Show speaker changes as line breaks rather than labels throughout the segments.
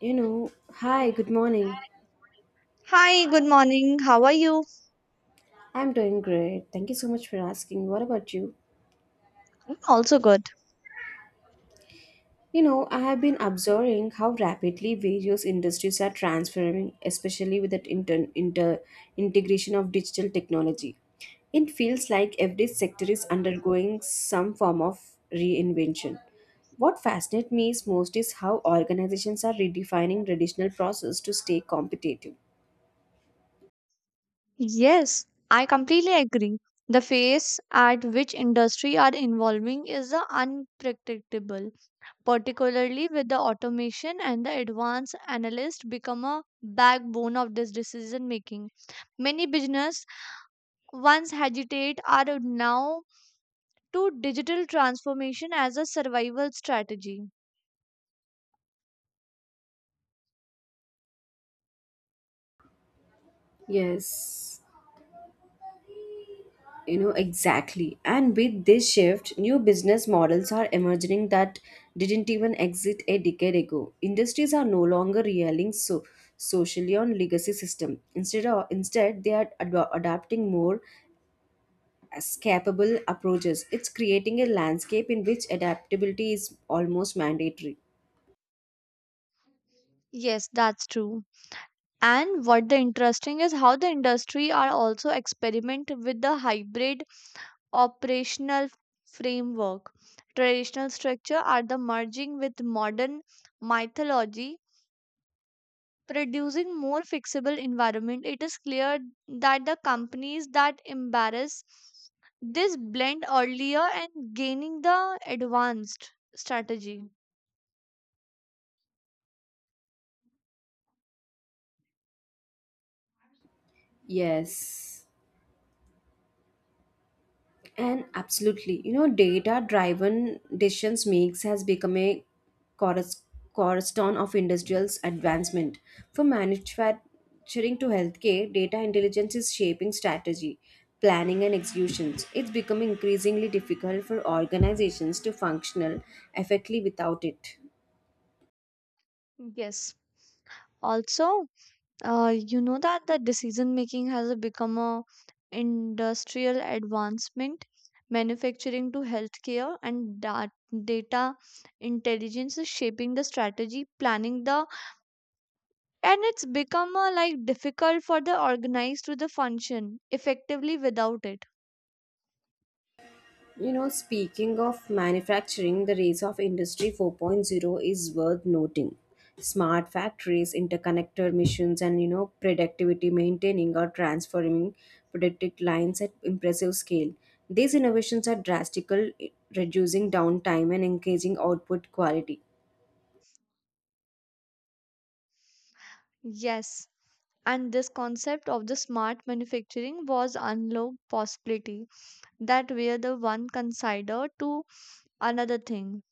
You know, Hi, good morning.
Hi, good morning. How are you?
I'm doing great. Thank you so much for asking. What about you?
I'm also good.
You know, I have been observing how rapidly various industries are transforming, especially with that inter, inter integration of digital technology. It feels like every sector is undergoing some form of reinvention. What fascinates me is most is how organizations are redefining traditional process to stay competitive.
Yes, I completely agree. The phase at which industry are evolving is the unpredictable, particularly with the automation and the advanced analyst become a backbone of this decision making. Many business once hesitate are now to digital transformation as a survival strategy.
Yes. You know, exactly. And with this shift, new business models are emerging that didn't even exist a decade ago. Industries are no longer relying so socially on legacy system. Instead they are adapting more escapable approaches. It's creating a landscape in which adaptability is almost mandatory.
Yes, that's true. And what the interesting is how the industry are also experiment with the hybrid operational framework, traditional structure are the merging with modern mythology, producing more flexible environment. It is clear that the companies that embrace this blend earlier and gaining the advanced strategy.
Yes. And absolutely, you know, data driven decisions makes has become a corus- cornerstone of industrial's advancement. From manufacturing to healthcare, data intelligence is shaping strategy, planning, and executions. It's becoming increasingly difficult for organizations to functional effectively without it.
Yes, also, that the decision making has become a industrial advancement, manufacturing to healthcare, and data intelligence is shaping the strategy, planning the, and it's become a, like difficult for the organized to the function effectively without it.
You know, speaking of manufacturing, the rise of Industry 4.0 is worth noting. Smart factories, interconnected machines, and productivity maintaining or transforming productive lines at impressive scale. These innovations are drastic, reducing downtime and increasing output quality.
Yes. And this concept of the smart manufacturing was unlocked possibility that where the one consider to another thing,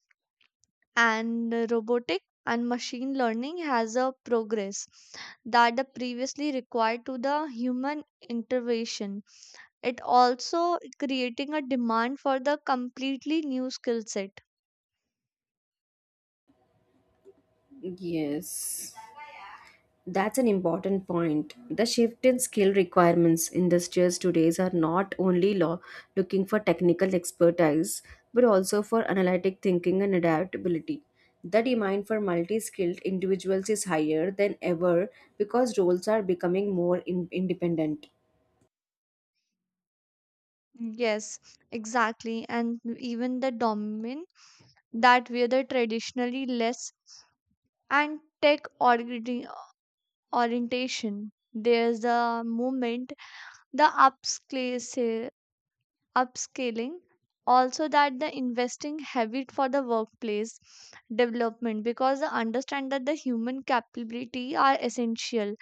and robotic and machine learning has a progress that the previously required to the human intervention. It also creating a demand for the completely new skill set.
Yes. That's an important point. The shift in skill requirements industries today are not only looking for technical expertise, but also for analytic thinking and adaptability. The demand for multi skilled individuals is higher than ever because roles are becoming more independent.
Yes, exactly, and even the domain that were the traditionally less and orientation, there's a movement, the upscale upscaling, also that the investing habit for the workplace development, because they understand that the human capability are essential.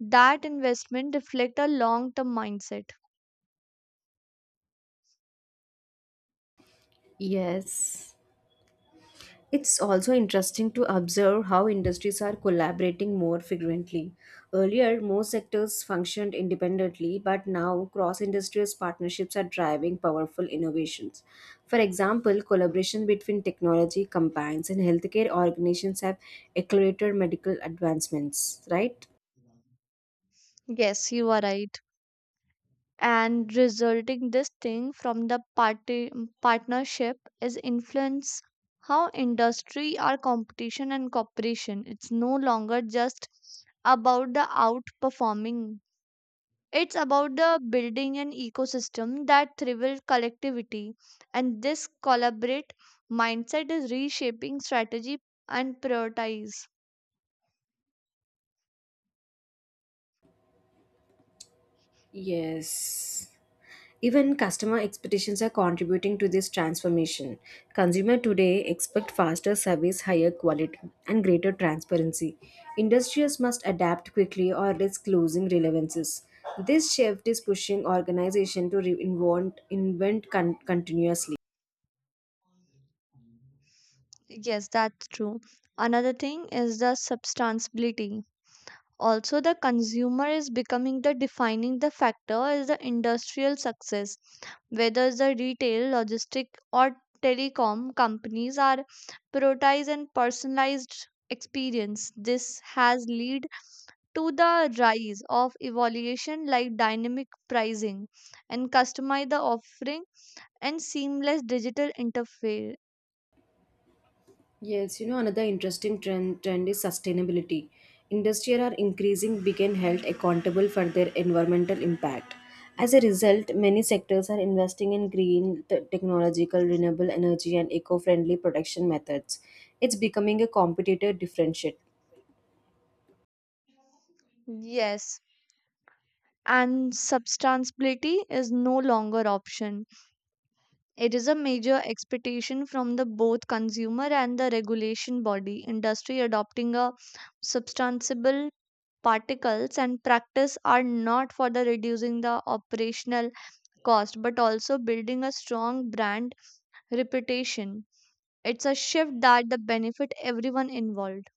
That investment reflect a long term mindset.
Yes. It's also interesting to observe how industries are collaborating more frequently. Earlier, most sectors functioned independently, but now cross industries partnerships are driving powerful innovations. For example, collaboration between technology companies and healthcare organizations have accelerated medical advancements, right?
Yes, you are right. And resulting this thing from the party partnership is influence how industry or competition and cooperation. It's no longer just about the outperforming. It's about the building an ecosystem that thrives collectivity, and this collaborate mindset is reshaping strategy and prioritize.
Yes. Even customer expectations are contributing to this transformation. Consumer today expect faster service, higher quality, and greater transparency. Industries must adapt quickly or risk losing relevances. This shift is pushing organization to reinvent invent continuously.
Yes, that's true. Another thing is the substantiability. Also, the consumer is becoming the defining the factor is the industrial success, whether the retail, logistic, or telecom companies are prioritized and personalized experience. This has lead to the rise of evaluation like dynamic pricing and customize the offering and seamless digital interface.
Yes, you know, another interesting trend is sustainability. Industries are increasing being held accountable for their environmental impact. As a result, many sectors are investing in green, technological, renewable energy, and eco friendly production methods. It's becoming a competitive differentiator.
Yes, and substantiality is no longer option. It is a major expectation from the both consumer and the regulation body. Industry adopting a substantiable particles and practice are not for the reducing the operational cost, but also building a strong brand reputation. It's a shift that the benefit everyone involved.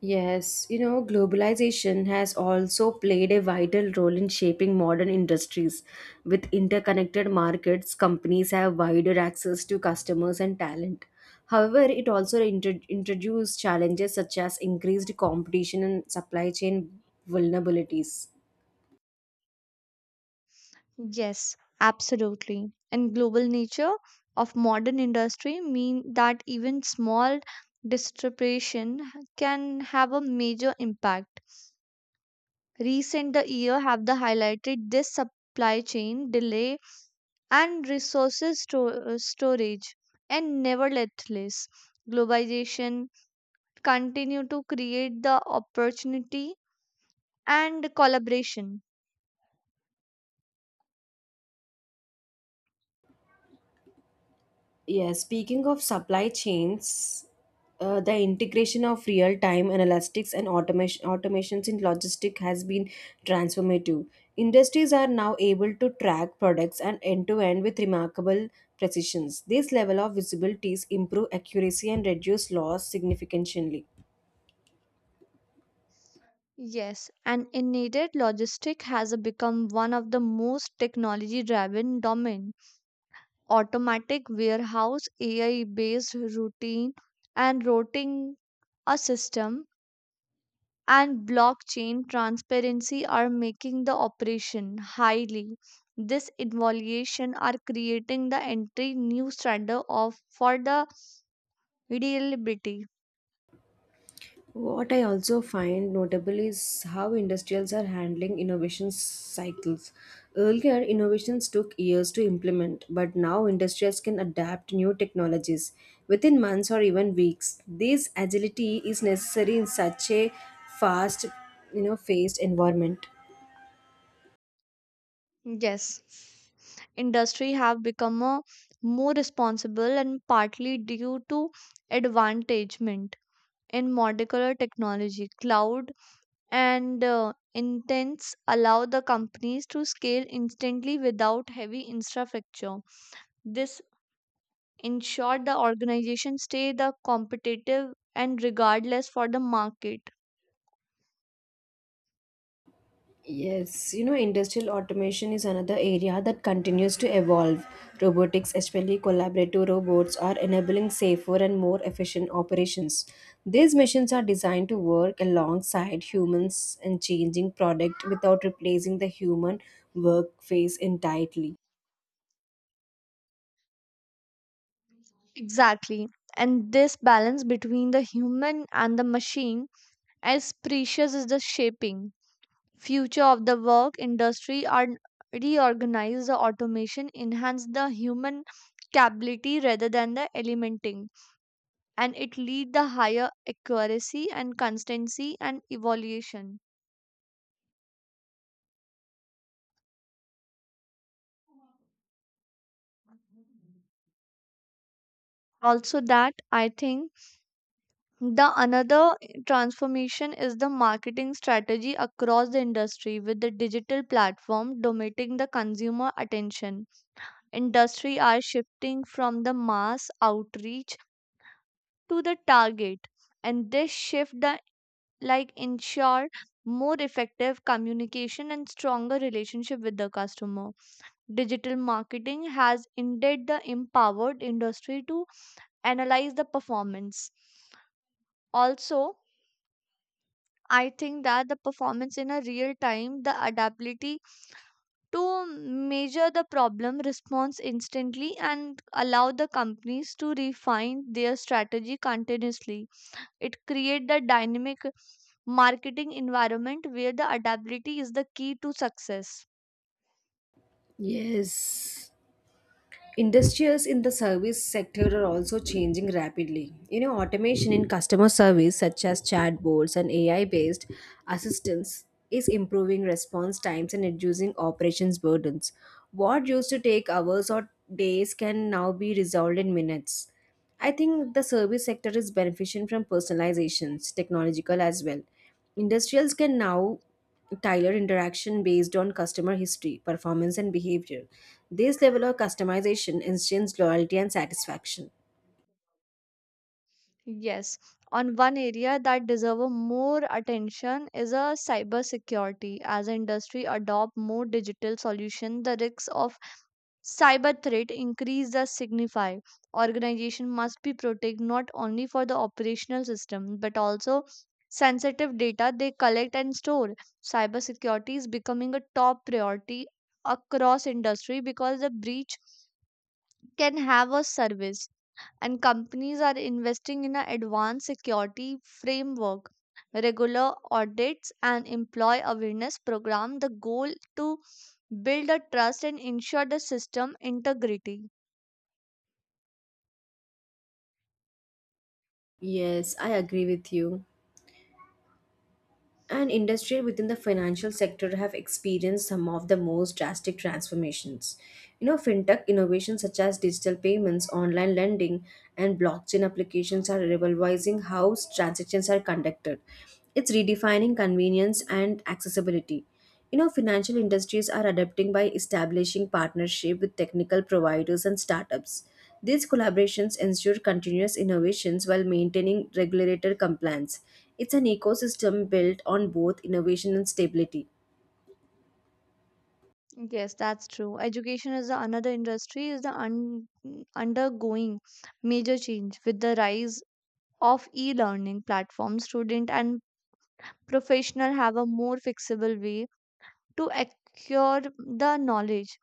Yes, you know, globalization has also played a vital role in shaping modern industries. With interconnected markets, companies have wider access to customers and talent. However, it also introduced challenges such as increased competition and supply chain vulnerabilities.
Yes, absolutely. And global nature of modern industry mean that even small disruption can have a major impact. Recent the year have the highlighted this supply chain delay and resources storage, and nevertheless globalization continue to create the opportunity and collaboration.
Yeah, speaking of supply chains, the integration of real-time analytics and automations in logistics has been transformative. Industries are now able to track products and end-to-end with remarkable precisions. This level of visibilities improve accuracy and reduce loss significantly.
Yes, and in needed logistic has become one of the most technology driven domain. Automatic warehouse, AI based routine and routing a system, and blockchain transparency are making the operation highly. This evaluation are creating the entry new standard of for the reliability.
What I also find notable is how industrials are handling innovation cycles. Earlier, innovations took years to implement, but now industrials can adapt new technologies within months or even weeks. This agility is necessary in such a fast, phased environment.
Yes. Industry have become a more responsible and partly due to advantagement in molecular technology cloud, and intents allow the companies to scale instantly without heavy infrastructure. This ensure the organization stay the competitive and regardless for the market.
Yes, you know, industrial automation is another area that continues to evolve. Robotics, especially collaborative robots, are enabling safer and more efficient operations. These machines are designed to work alongside humans and changing product without replacing the human work phase entirely.
Exactly, and this balance between the human and the machine as precious as the shaping future of the work. Industry are reorganize the automation enhance the human capability rather than the eliminating, and it lead the higher accuracy and constancy and evaluation. Also that, I think the another transformation is the marketing strategy across the industry, with the digital platform dominating the consumer attention. Industry are shifting from the mass outreach to the target, and this shift the, like ensure more effective communication and stronger relationship with the customer. Digital marketing has indeed the empowered industry to analyze the performance. Also, I think that the performance in a real time, the adaptability to measure the problem response instantly and allow the companies to refine their strategy continuously. It creates the dynamic marketing environment where the adaptability is the key to success.
Yes. Industries in the service sector are also changing rapidly. You know, automation in customer service, such as chatbots and AI based assistance, is improving response times and reducing operations burdens. What used to take hours or days can now be resolved in minutes. I think the service sector is benefiting from personalizations, technological as well. Industrials can now Tyler interaction based on customer history, performance, and behavior. This level of customization instills loyalty and satisfaction.
Yes, on one area that deserve more attention is a cybersecurity. As industry adopt more digital solution, the risks of cyber threat increase the signify organization must be protect not only for the operational system but also sensitive data they collect and store. Cybersecurity is becoming a top priority across industry because the breach can have a service, and companies are investing in a advanced security framework, regular audits and employee awareness program, the goal to build a trust and ensure the system integrity.
Yes, I agree with you. And industry within the financial sector have experienced some of the most drastic transformations. You know, fintech innovations such as digital payments, online lending, and blockchain applications are revolutionizing how transactions are conducted. It's redefining convenience and accessibility. You know, financial industries are adapting by establishing partnership with technical providers and startups. These collaborations ensure continuous innovations while maintaining regulator compliance. It's an ecosystem built on both innovation and stability.
Yes, that's true. Education is the another industry is the undergoing major change with the rise of e-learning platforms. Student and professional have a more flexible way to acquire the knowledge.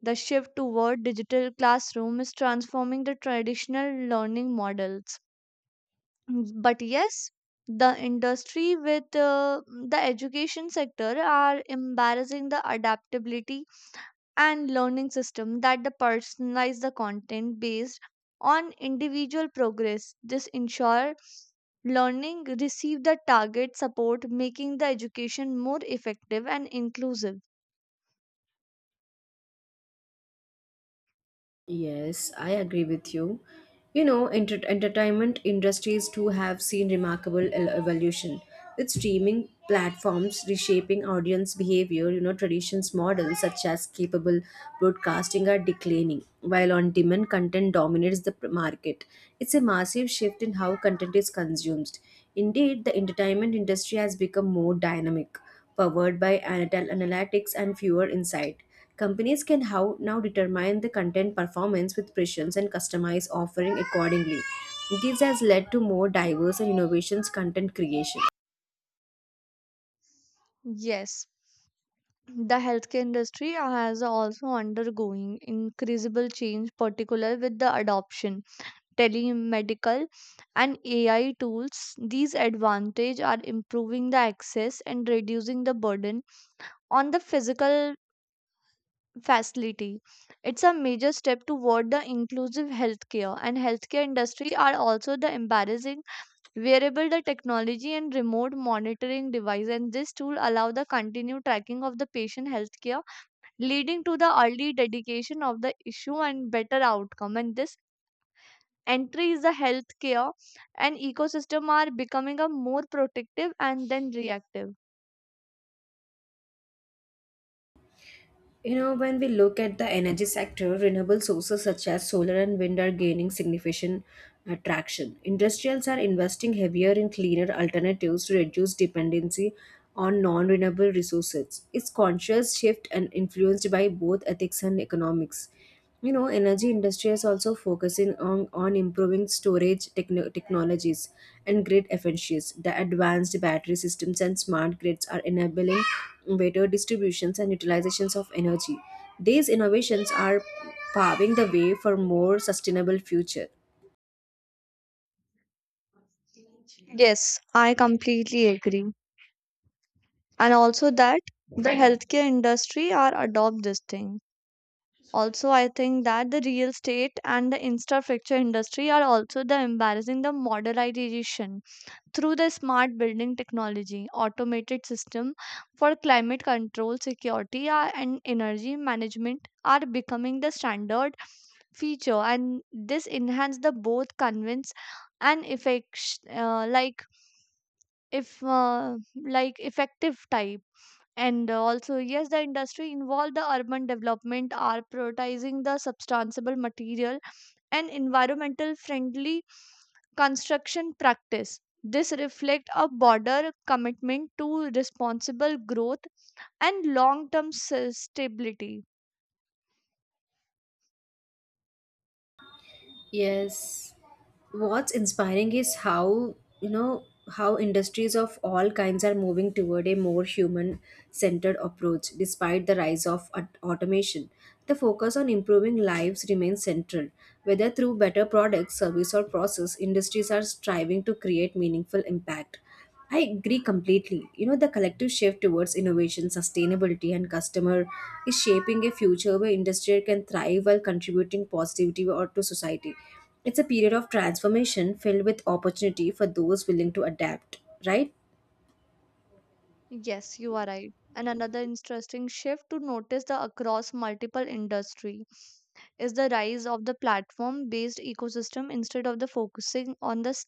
The shift toward digital classroom is transforming the traditional learning models. But yes, the industry with the education sector are embarrassing the adaptability and learning system that the personalize the content based on individual progress. This ensure learning receive the target support, making the education more effective and inclusive.
Yes, I agree with you. You know, entertainment industries too have seen remarkable evolution with streaming platforms reshaping audience behavior. You know, traditions models such as capable broadcasting are declining, while on-demand content dominates the market. It's a massive shift in how content is consumed. Indeed, the entertainment industry has become more dynamic, powered by analytics and fewer insight. Companies can how now determine the content performance with precisions and customize offering accordingly. This has led to more diverse and innovations content creation.
Yes, the healthcare industry has also undergoing increasable change, particular with the adoption telemedical and AI tools. These advantage are improving the access and reducing the burden on the physical facility. It's a major step toward the inclusive healthcare, and healthcare industry are also the embarrassing wearable the technology and remote monitoring device, and this tool allow the continued tracking of the patient healthcare, leading to the early dedication of the issue and better outcome, and this entry is the healthcare and ecosystem are becoming a more protective and then reactive.
You know, when we look at the energy sector, renewable sources such as solar and wind are gaining significant traction. Industrials are investing heavier in cleaner alternatives to reduce dependency on non-renewable resources. It's conscious shift and influenced by both ethics and economics. You know, energy industry is also focusing on improving storage technologies and grid efficiencies, the advanced battery systems and smart grids are enabling better distributions and utilizations of energy. These innovations are paving the way for more sustainable future.
Yes, I completely agree. And also that the Right. Healthcare industry are adopt this thing. Also I think that the real estate and the infrastructure industry are also the embarrassing the modernization through the smart building technology. Automated system for climate control, security, and energy management are becoming the standard feature, and this enhance the both convince and effects, like if like effective type. And also, yes, the industry involved the urban development are prioritizing the substantial material and environmental friendly construction practice. This reflects a broader commitment to responsible growth and long-term stability.
Yes. What's inspiring is how, you know, how industries of all kinds are moving toward a more human centered approach despite the rise of automation. The focus on improving lives remains central. Whether through better products, service, or process, industries are striving to create meaningful impact. I agree completely. You know, the collective shift towards innovation, sustainability, and customer is shaping a future where industry can thrive while contributing positivity or to society. It's a period of transformation filled with opportunity for those willing to adapt, right?
Yes, you are right. And another interesting shift to notice the across multiple industry is the rise of the platform based ecosystem, instead of the focusing on the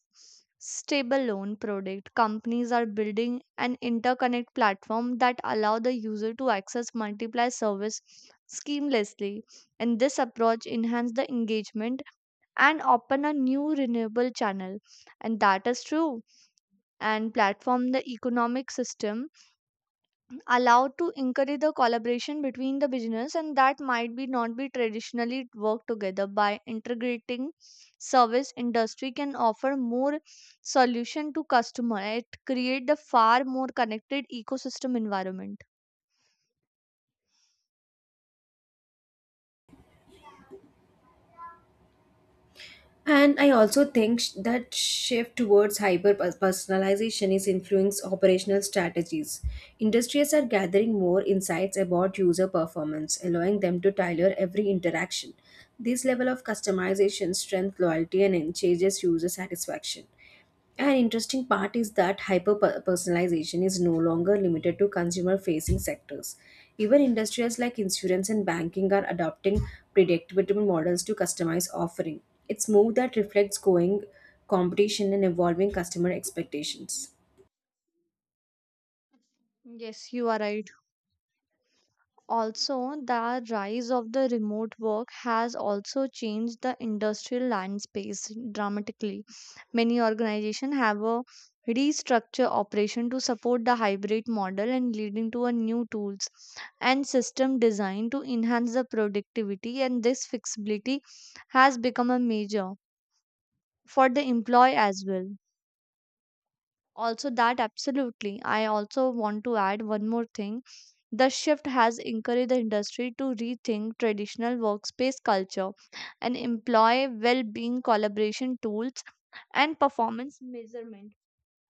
stable loan product. Companies are building an interconnect platform that allow the user to access multiple service seamlessly. And this approach enhance the engagement and open a new renewable channel. And that is true. And platform the economic system allowed to encourage the collaboration between the business, and that might be not be traditionally work together. By integrating service, industry can offer more solution to customer. It create the far more connected ecosystem environment.
And I also think that shift towards hyper personalization is influencing operational strategies. Industries are gathering more insights about user performance, allowing them to tailor every interaction. This level of customization strengthens loyalty and changes user satisfaction. An interesting part is that hyper personalization is no longer limited to consumer facing sectors. Even industries like insurance and banking are adopting predictable models to customize offering. It's move that reflects going competition and evolving customer expectations.
Yes, you are right. Also, the rise of the remote work has also changed the industrial landscape dramatically. Many organizations have a restructure operation to support the hybrid model, and leading to a new tools and system design to enhance the productivity, and this flexibility has become a major for the employee as well. Also that absolutely, I also want to add one more thing. The shift has encouraged the industry to rethink traditional workspace culture, and employ well being collaboration tools and performance measurement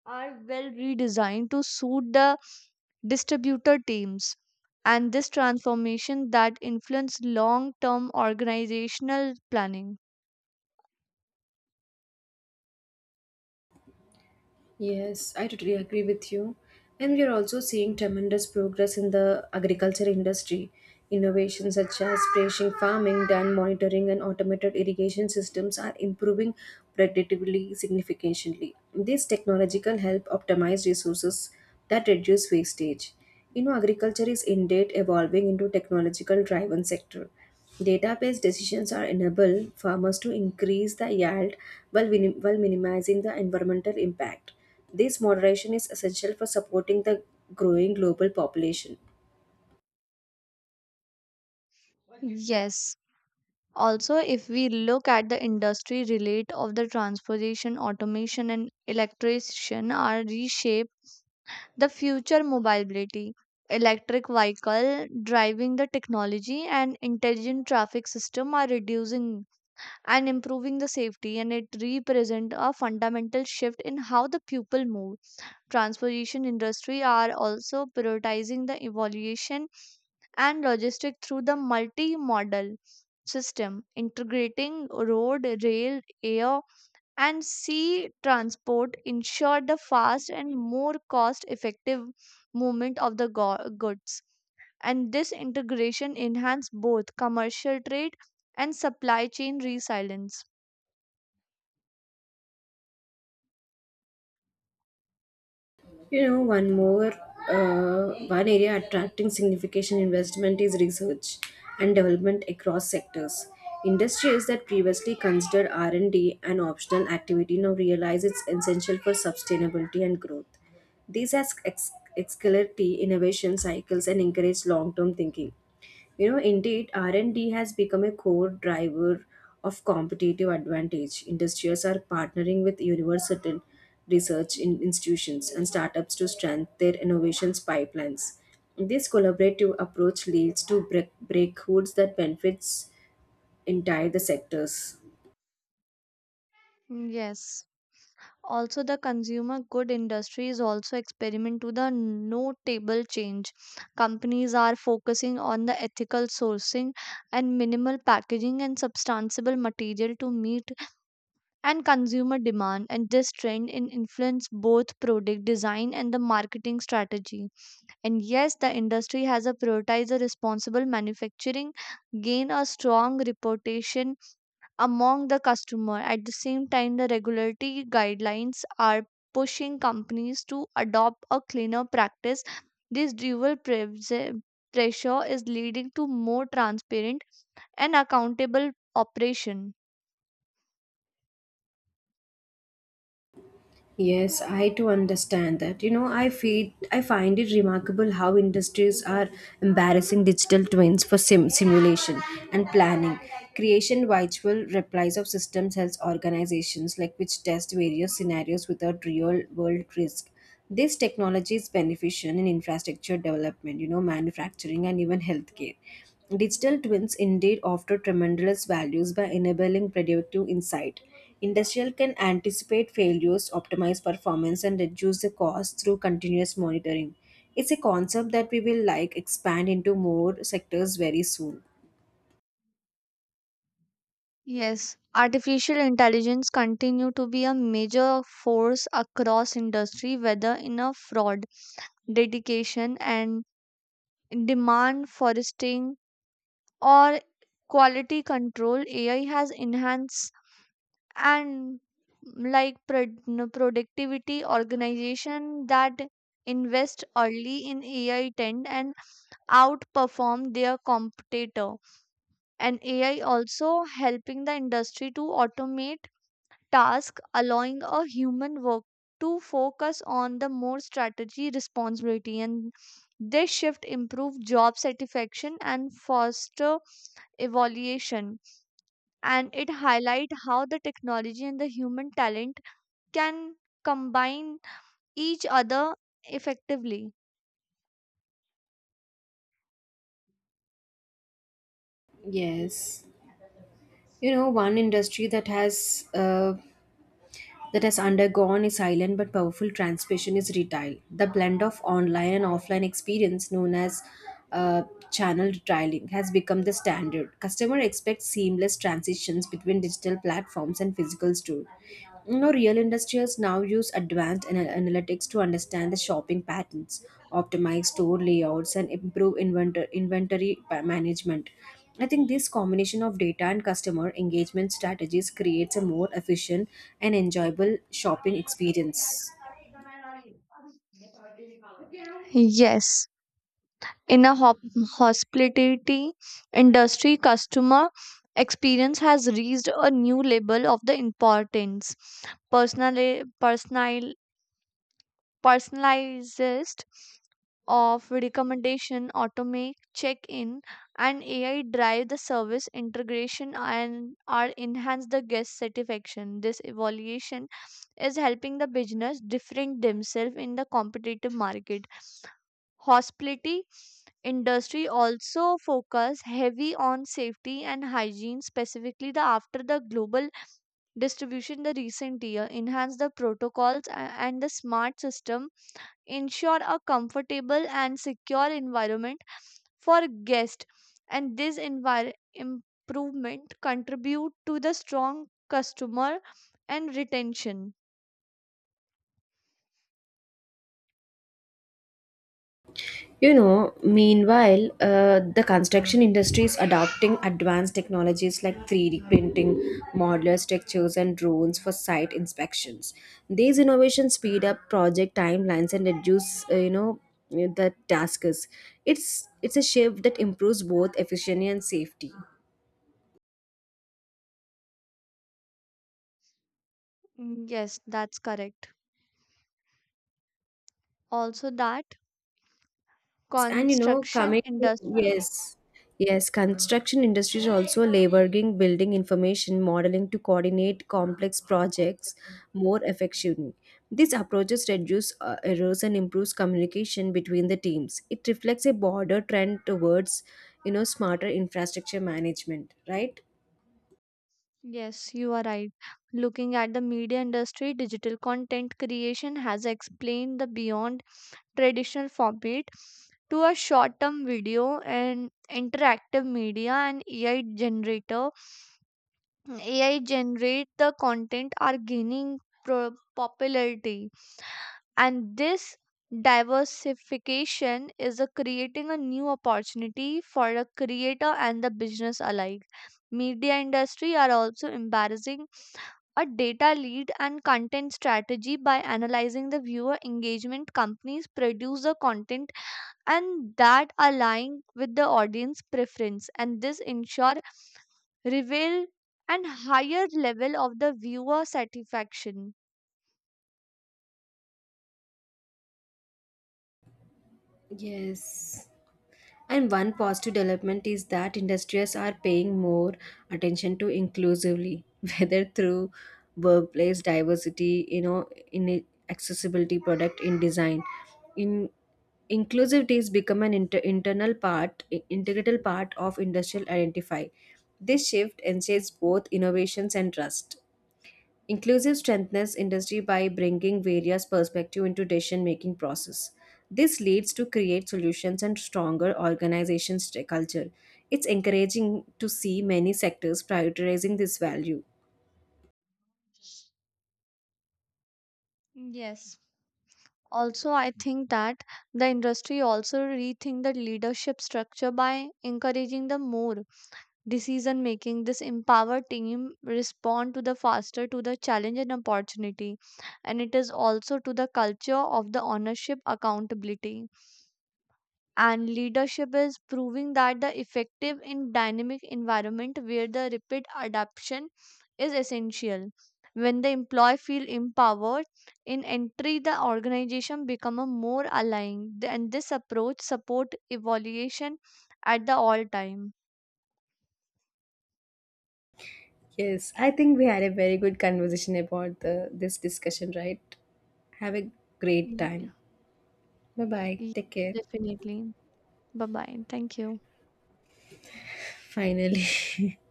are well redesigned to suit the distributor teams. And this transformation that influence long term organizational planning.
Yes, I totally agree with you. And we are also seeing tremendous progress in the agriculture industry. Innovations such as precision farming, dam monitoring, and automated irrigation systems are improving productivity significantly. This technological help optimize resources that reduce wastage. You know, agriculture is indeed evolving into technological driven sector. Data-based decisions are enable farmers to increase the yield while, while minimizing the environmental impact. This moderation is essential for supporting the growing global population.
Yes. Also, if we look at the industry relate of the transportation, automation, and electrification are reshaped the future mobility. Electric vehicle driving the technology and intelligent traffic system are reducing and improving the safety, and it represent a fundamental shift in how the people move. Transportation industry are also prioritizing the evaluation and logistic through the multimodal system, integrating road, rail, air, and sea transport, ensured the fast and more cost effective movement of the goods. And this integration enhanced both commercial trade and supply chain resilience.
You know, one area attracting significant investment is research and development across sectors. Industries that previously considered R&D an optional activity now realize it's essential for sustainability and growth. These as ex- Accelerate innovation cycles and encourage long-term thinking. You know, indeed, R&D has become a core driver of competitive advantage. Industrials are partnering with university research institutions and startups to strengthen their innovations pipelines. This collaborative approach leads to breakthroughs that benefits entire the sectors.
Mm, yes. Also, the consumer good industry is also experiment to the notable change. Companies are focusing on the ethical sourcing and minimal packaging and substantial material to meet and consumer demand, and this trend in influence both product design and the marketing strategy. And yes, the industry has a prioritized a responsible manufacturing, gain a strong reputation among the customer. At the same time, the regulatory guidelines are pushing companies to adopt a cleaner practice. This pressure is leading to more transparent and accountable operation.
Yes, I too understand that. You know, I find it remarkable how industries are embarrassing digital twins for simulation and planning. Creation virtual replies of systems helps organizations like which test various scenarios without real world risk. This technology is beneficial in infrastructure development, you know, manufacturing and even healthcare. Digital twins indeed offer tremendous values by enabling predictive insight. Industrial can anticipate failures, optimize performance, and reduce the cost through continuous monitoring. It's a concept that we will like expand into more sectors very soon.
Yes, artificial intelligence continue to be a major force across industry, whether in a fraud, dedication and demand foresting, or quality control. AI has enhanced and like productivity. Organization that invest early in AI tend and outperform their competitor. And AI also helping the industry to automate task, allowing a human work to focus on the more strategy responsibility, and this shift improve job satisfaction and foster evaluation, and it highlight how the technology and the human talent can combine each other effectively.
Yes. You know, one industry that has undergone a silent but powerful transformation is retail. The blend of online and offline experience known as uh, channel retailing has become the standard. Customer expects seamless transitions between digital platforms and physical stores. You know, real industrials now use advanced analytics to understand the shopping patterns, optimize store layouts, and improve inventory management. I think this combination of data and customer engagement strategies creates a more efficient and enjoyable shopping experience.
Yes. In a hospitality industry, customer experience has reached a new level of the importance. Personali- personal- Personalized of recommendation, automate check-in, and AI drive the service integration and are enhance the guest satisfaction. This evaluation is helping the business different themselves in the competitive market. Hospitality industry also focus heavy on safety and hygiene, specifically the after the global distribution the recent year enhance the protocols and the smart system ensure a comfortable and secure environment for guests, and this improvement contribute to the strong customer and retention.
You know, meanwhile, the construction industry is adopting advanced technologies like 3D printing, modular structures, and drones for site inspections. These innovations speed up project timelines and reduce, the tasks. It's a shift that improves both efficiency and safety.
Mm, yes, that's correct. Also that
And you know,
construction
coming to,
industry.
yes, yes, construction industries are also leveraging building information modeling to coordinate complex projects more effectively. These approaches reduce errors and improves communication between the teams. It reflects a broader trend towards, you know, smarter infrastructure management, right?
Yes, you are right. Looking at the media industry, digital content creation has explained the beyond traditional format to a short-term video and interactive media and AI generator. AI generate the content are gaining popularity, and this diversification is a creating a new opportunity for the creator and the business alike. Media industry are also embarrassing a data lead and content strategy. By analyzing the viewer engagement, companies produce the content and that align with the audience preference, and this ensure reveal and higher level of the viewer satisfaction.
Yes. And one positive development is that industries are paying more attention to inclusively, whether through workplace diversity, you know, in accessibility, product in design. In Inclusivity is become an internal part, integral part of industrial identify. This shift ensures both innovations and trust. Inclusive strengthens industry by bringing various perspectives into decision-making process. This leads to create solutions and stronger organization culture. It's encouraging to see many sectors prioritizing this value.
Yes. Also, I think that the industry also rethink the leadership structure by encouraging the more decision making. This empower team respond to the faster to the challenge and opportunity, and it is also to the culture of the ownership accountability. And leadership is proving that the effective in dynamic environment where the rapid adaptation is essential. When the employee feel empowered in entry, the organization become a more aligned, and this approach support evaluation at the all time.
Yes, I think we had a very good conversation about the this discussion, right? Have a great time. Bye bye.
Yes,
Take care.
definitely. Bye bye. Thank you.
Finally.